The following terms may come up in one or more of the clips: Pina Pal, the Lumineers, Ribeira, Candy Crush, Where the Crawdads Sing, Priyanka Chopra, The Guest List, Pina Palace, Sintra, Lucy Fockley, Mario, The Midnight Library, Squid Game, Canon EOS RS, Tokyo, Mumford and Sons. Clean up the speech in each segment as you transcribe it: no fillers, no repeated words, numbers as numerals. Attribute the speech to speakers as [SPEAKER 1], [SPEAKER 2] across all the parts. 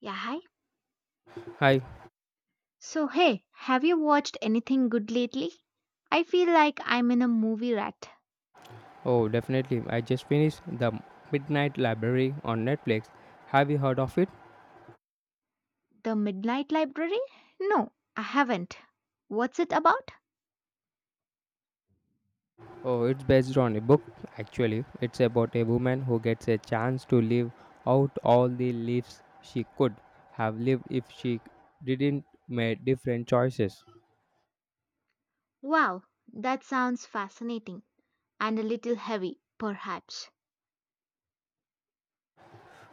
[SPEAKER 1] Yeah, hi.
[SPEAKER 2] Hi.
[SPEAKER 1] So, hey, have you watched anything good lately? I feel like I'm in a movie rat.
[SPEAKER 2] Oh, definitely. I just finished The Midnight Library on Netflix. Have you heard of it?
[SPEAKER 1] The Midnight Library? No, I haven't. What's it about?
[SPEAKER 2] Oh, it's based on a book, actually. It's about a woman who gets a chance to live out all the lives she could have lived if she didn't make different choices.
[SPEAKER 1] Wow, that sounds fascinating and a little heavy, perhaps.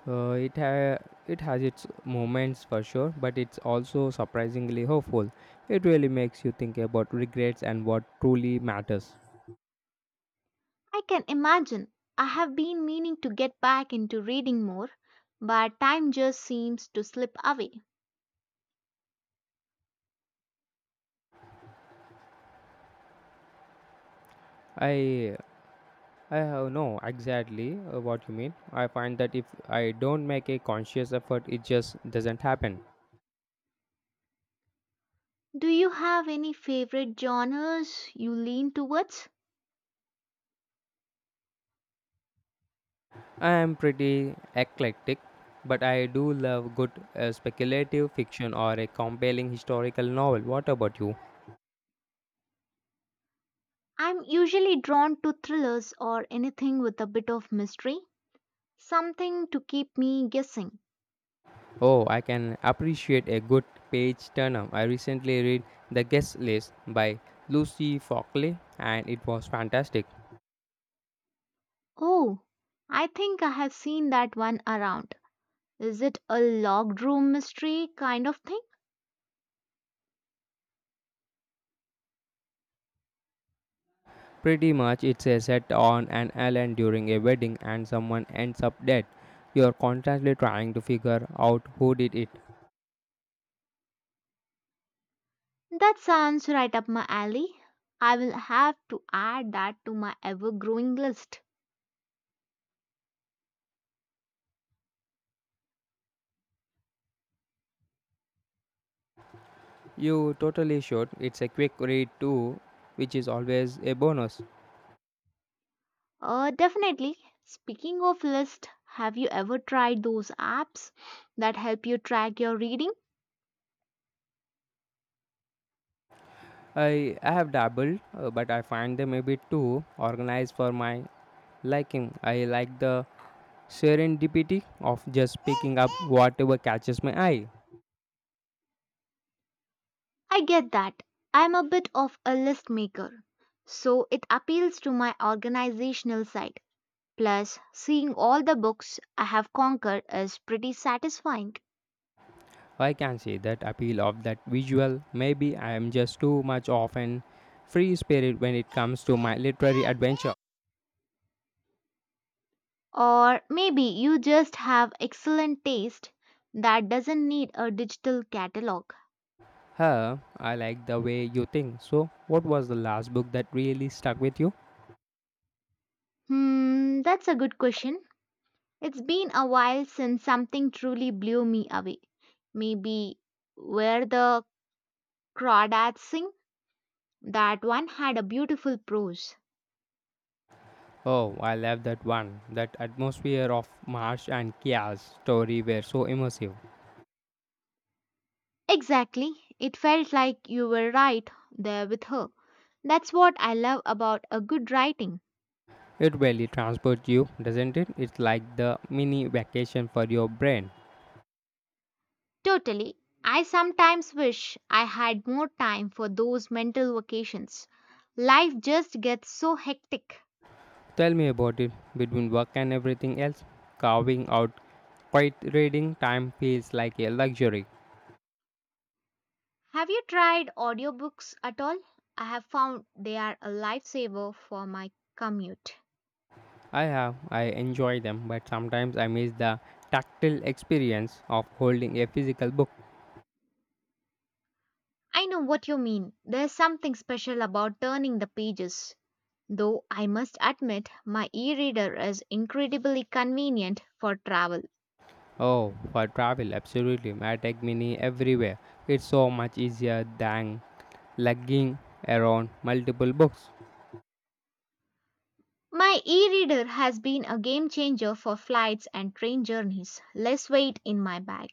[SPEAKER 2] Uh, it, ha- it has its moments for sure, but it's also surprisingly hopeful. It really makes you think about regrets and what truly matters.
[SPEAKER 1] I can imagine. I have been meaning to get back into reading more, but time just seems to slip away.
[SPEAKER 2] I I have no exactly what you mean. I find that if I don't make a conscious effort, it just doesn't happen.
[SPEAKER 1] Do you have any favorite genres you lean towards?
[SPEAKER 2] I am pretty eclectic, but I do love good speculative fiction or a compelling historical novel. What about you?
[SPEAKER 1] I'm usually drawn to thrillers or anything with a bit of mystery, something to keep me guessing.
[SPEAKER 2] Oh, I can appreciate a good page turner. I recently read The Guest List by Lucy Fockley, and it was fantastic.
[SPEAKER 1] Oh, I think I have seen that one around. Is it a locked room mystery kind of thing?
[SPEAKER 2] Pretty much, it's a set on an island during a wedding and someone ends up dead. You're constantly trying to figure out who did it.
[SPEAKER 1] That sounds right up my alley. I will have to add that to my ever growing list.
[SPEAKER 2] You totally should. It's a quick read too, which is always a bonus.
[SPEAKER 1] Definitely. Speaking of list, have you ever tried those apps that help you track your reading?
[SPEAKER 2] I have dabbled, but I find them a bit too organized for my liking. I like the serendipity of just picking up whatever catches my eye.
[SPEAKER 1] I get that. I'm a bit of a list maker, so it appeals to my organizational side. Plus, seeing all the books I have conquered is pretty satisfying.
[SPEAKER 2] I can see that appeal of that visual. Maybe I am just too much of an free spirit when it comes to my literary adventure.
[SPEAKER 1] Or maybe you just have excellent taste that doesn't need a digital catalog.
[SPEAKER 2] Huh, I like the way you think. So, what was the last book that really stuck with you?
[SPEAKER 1] That's a good question. It's been a while since something truly blew me away. Maybe Where the Crawdads Sing? That one had a beautiful prose.
[SPEAKER 2] Oh, I love that one. That atmosphere of Marsh and Kia's story were so immersive.
[SPEAKER 1] Exactly. It felt like you were right there with her. That's what I love about a good writing.
[SPEAKER 2] It really transports you, doesn't it? It's like the mini vacation for your brain.
[SPEAKER 1] Totally. I sometimes wish I had more time for those mental vacations. Life just gets so hectic.
[SPEAKER 2] Tell me about it between work and everything else. Carving out quiet reading time feels like a luxury.
[SPEAKER 1] Have you tried audiobooks at all? I have found they are a lifesaver for my commute.
[SPEAKER 2] I have, I enjoy them, but sometimes I miss the tactile experience of holding a physical book.
[SPEAKER 1] I know what you mean. There's something special about turning the pages. Though I must admit, my e reader is incredibly convenient for travel.
[SPEAKER 2] Oh, for travel, absolutely. I take mini everywhere. It's so much easier than lugging around multiple books.
[SPEAKER 1] My e reader has been a game changer for flights and train journeys. Less weight in my bag.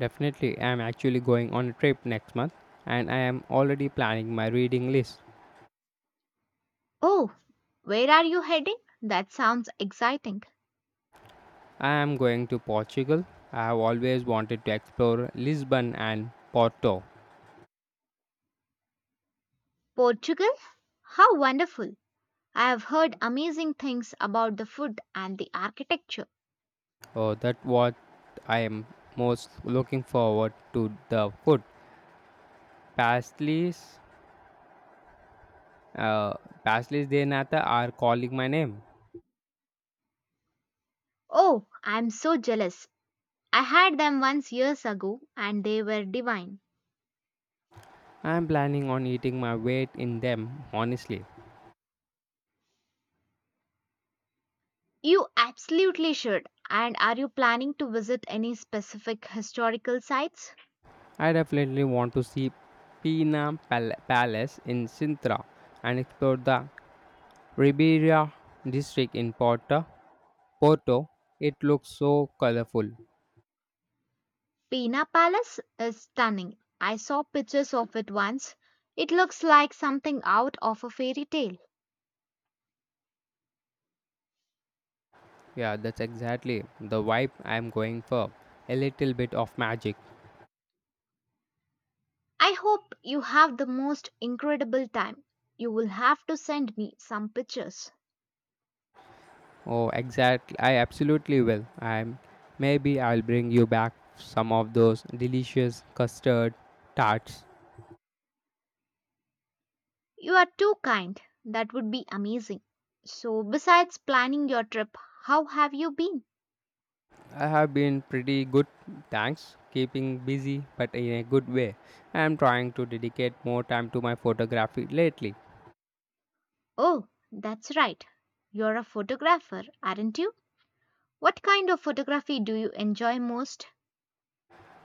[SPEAKER 2] Definitely, I am actually going on a trip next month and I am already planning my reading list.
[SPEAKER 1] Oh, where are you heading? That sounds exciting.
[SPEAKER 2] I am going to Portugal. I have always wanted to explore Lisbon and Porto.
[SPEAKER 1] Portugal? How wonderful! I have heard amazing things about the food and the architecture.
[SPEAKER 2] Oh, that what I am most looking forward to the food. Pastries, uh, pastries de nata are calling my name.
[SPEAKER 1] Oh, I'm so jealous. I had them once years ago and they were divine.
[SPEAKER 2] I am planning on eating my weight in them. Honestly,
[SPEAKER 1] You absolutely should. And are you planning to visit any specific historical sites?
[SPEAKER 2] I definitely want to see Palace in Sintra and explore the Ribeira district in Porto. It looks so colorful.
[SPEAKER 1] Pina Palace is stunning. I saw pictures of it once. It looks like something out of a fairy tale.
[SPEAKER 2] Yeah, that's exactly the vibe I am going for. A little bit of magic.
[SPEAKER 1] I hope you have the most incredible time. You will have to send me some pictures.
[SPEAKER 2] Oh, exactly. I absolutely will. I'm Maybe I'll bring you back some of those delicious custard tarts.
[SPEAKER 1] You are too kind. That would be amazing. So, besides planning your trip, how have you been?
[SPEAKER 2] I have been pretty good, thanks. Keeping busy, but in a good way. I'm trying to dedicate more time to my photography lately.
[SPEAKER 1] Oh, that's right. You're a photographer, aren't you? What kind of photography do you enjoy most?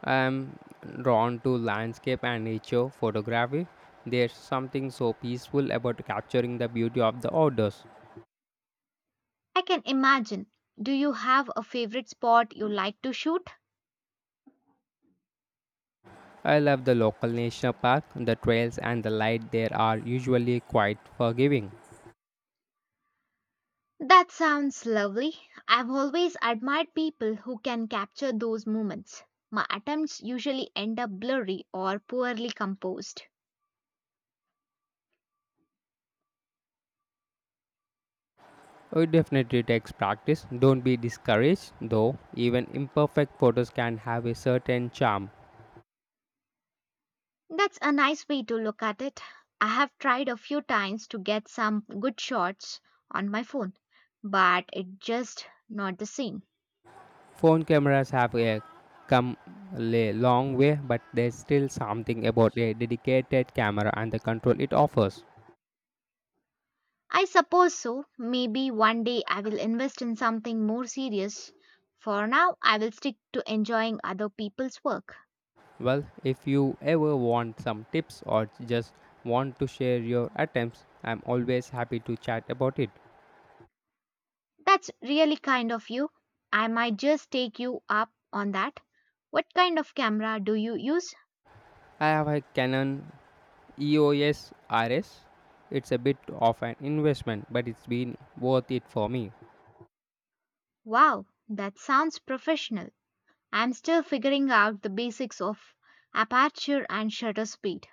[SPEAKER 2] I'm drawn to landscape and nature photography. There's something so peaceful about capturing the beauty of the outdoors.
[SPEAKER 1] I can imagine. Do you have a favorite spot you like to shoot?
[SPEAKER 2] I love the local national park, the trails, and the light there are usually quite forgiving.
[SPEAKER 1] That sounds lovely. I've always admired people who can capture those moments. My attempts usually end up blurry or poorly composed.
[SPEAKER 2] Oh, it definitely takes practice. Don't be discouraged, though. Even imperfect photos can have a certain charm.
[SPEAKER 1] That's a nice way to look at it. I have tried a few times to get some good shots on my phone, but it just not the same.
[SPEAKER 2] Phone cameras have come long way, but there's still something about a dedicated camera and the control it offers.
[SPEAKER 1] I suppose so. Maybe one day I will invest in something more serious. For now, I will stick to enjoying other people's work.
[SPEAKER 2] Well, if you ever want some tips or just want to share your attempts, I'm always happy to chat about it.
[SPEAKER 1] That's really kind of you. I might just take you up on that. What kind of camera do you use?
[SPEAKER 2] I have a Canon EOS RS. It's a bit of an investment, but it's been worth it for me.
[SPEAKER 1] Wow, that sounds professional. I'm still figuring out the basics of aperture and shutter speed.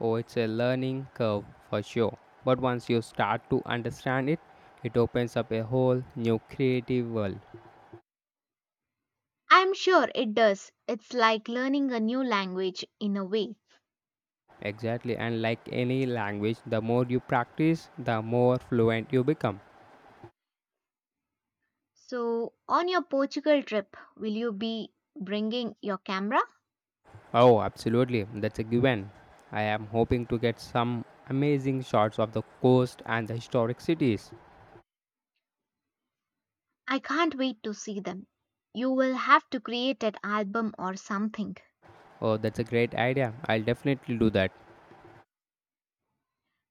[SPEAKER 2] Oh, it's a learning curve for sure. But once you start to understand it, it opens up a whole new creative world.
[SPEAKER 1] I'm sure it does. It's like learning a new language in a way.
[SPEAKER 2] Exactly, and like any language, the more you practice, the more fluent you become.
[SPEAKER 1] So, on your Portugal trip, will you be bringing your camera?
[SPEAKER 2] Oh, absolutely, that's a given. I am hoping to get some amazing shots of the coast and the historic cities.
[SPEAKER 1] I can't wait to see them. You will have to create an album or something.
[SPEAKER 2] Oh, that's a great idea. I'll definitely do that.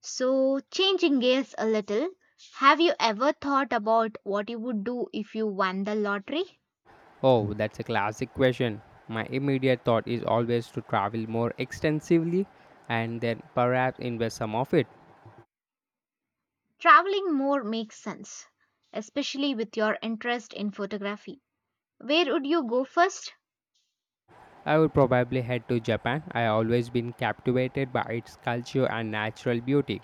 [SPEAKER 1] So, changing gears a little, have you ever thought about what you would do if you won the lottery?
[SPEAKER 2] Oh, that's a classic question. My immediate thought is always to travel more extensively and then perhaps invest some of it.
[SPEAKER 1] Traveling more makes sense, especially with your interest in photography. Where would you go first?
[SPEAKER 2] I would probably head to Japan. I always been captivated by its culture and natural beauty.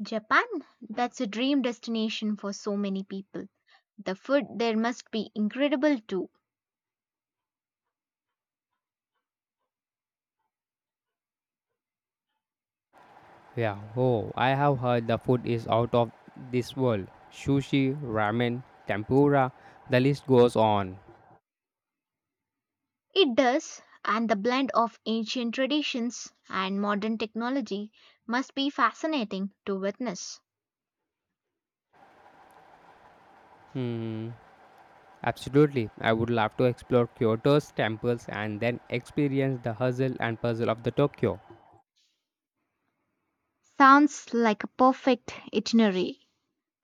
[SPEAKER 1] Japan? That's a dream destination for so many people. The food there must be incredible too.
[SPEAKER 2] Yeah, oh, I have heard the food is out of this world. Sushi, ramen, tempura, the list goes on.
[SPEAKER 1] It does, and the blend of ancient traditions and modern technology must be fascinating to witness.
[SPEAKER 2] Hmm, absolutely. I would love to explore Kyoto's temples and then experience the hustle and puzzle of the Tokyo.
[SPEAKER 1] Sounds like a perfect itinerary.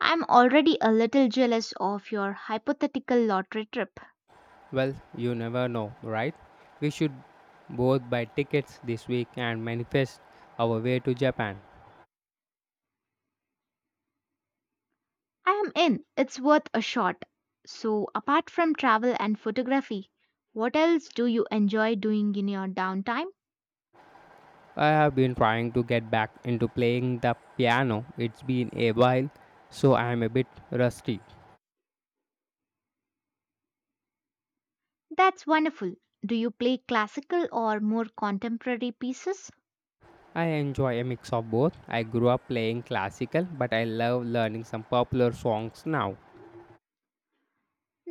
[SPEAKER 1] I'm already a little jealous of your hypothetical lottery trip.
[SPEAKER 2] Well, you never know, right? We should both buy tickets this week and manifest our way to Japan.
[SPEAKER 1] I am in, it's worth a shot. So, apart from travel and photography, what else do you enjoy doing in your downtime?
[SPEAKER 2] I have been trying to get back into playing the piano. It's been a while, so I am a bit rusty.
[SPEAKER 1] That's wonderful. Do you play classical or more contemporary pieces?
[SPEAKER 2] I enjoy a mix of both. I grew up playing classical, but I love learning some popular songs now.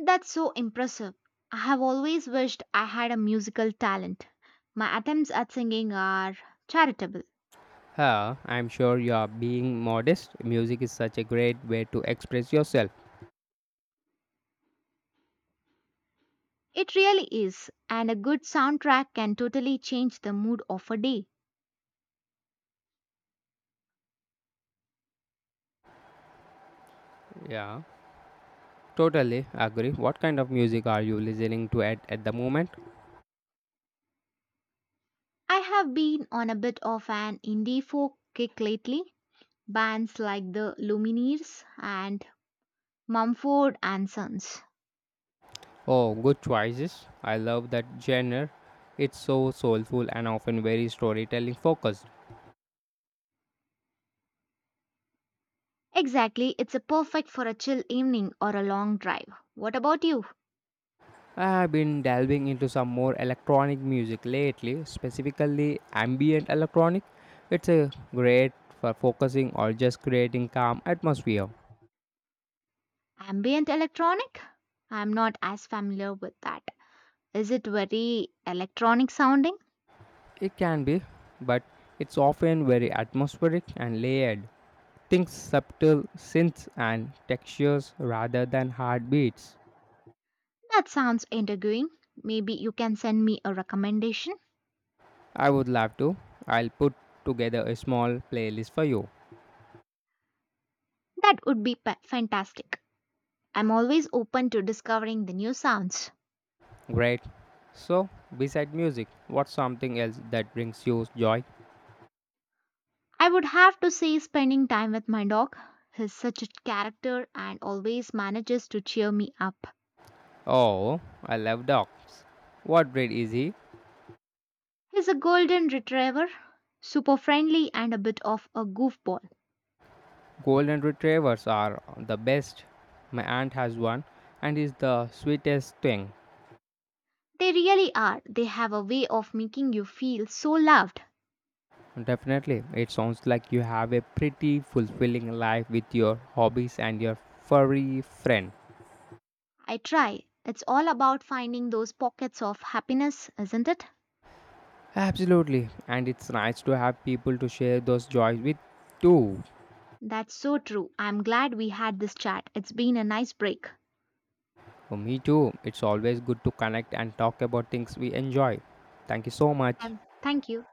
[SPEAKER 1] That's so impressive. I have always wished I had a musical talent. My attempts at singing are charitable.
[SPEAKER 2] Huh, I'm sure you are being modest. Music is such a great way to express yourself.
[SPEAKER 1] It really is, and a good soundtrack can totally change the mood of a day.
[SPEAKER 2] Yeah, totally agree. What kind of music are you listening to at the moment?
[SPEAKER 1] I have been on a bit of an indie folk kick lately. Bands like the Lumineers and Mumford and Sons.
[SPEAKER 2] Oh, good choices. I love that genre. It's so soulful and often very storytelling focused.
[SPEAKER 1] Exactly, it's a perfect for a chill evening or a long drive. What about you?
[SPEAKER 2] I have been delving into some more electronic music lately, specifically ambient electronic. It's a great for focusing or just creating calm atmosphere.
[SPEAKER 1] Ambient electronic? I'm not as familiar with that. Is it very electronic sounding?
[SPEAKER 2] It can be, but it's often very atmospheric and layered. Think subtle synths and textures rather than hard beats.
[SPEAKER 1] That sounds intriguing. Maybe you can send me a recommendation?
[SPEAKER 2] I would love to. I'll put together a small playlist for you.
[SPEAKER 1] That would be pa- Fantastic. I'm always open to discovering the new sounds.
[SPEAKER 2] Great. So, beside music, what's something else that brings you joy?
[SPEAKER 1] I would have to say, spending time with my dog. He's such a character and always manages to cheer me up.
[SPEAKER 2] Oh, I love dogs. What breed is he?
[SPEAKER 1] He's a golden retriever, super friendly and a bit of a goofball.
[SPEAKER 2] Golden retrievers are the best. My aunt has one and is the sweetest thing.
[SPEAKER 1] They really are. They have a way of making you feel so loved.
[SPEAKER 2] Definitely, it sounds like you have a pretty fulfilling life with your hobbies and your furry friend.
[SPEAKER 1] I try. It's all about finding those pockets of happiness, isn't it?
[SPEAKER 2] Absolutely, and it's nice to have people to share those joys with too.
[SPEAKER 1] That's so true. I'm glad we had this chat. It's been a nice break.
[SPEAKER 2] For me too, it's always good to connect and talk about things we enjoy. Thank you so much.
[SPEAKER 1] Thank you.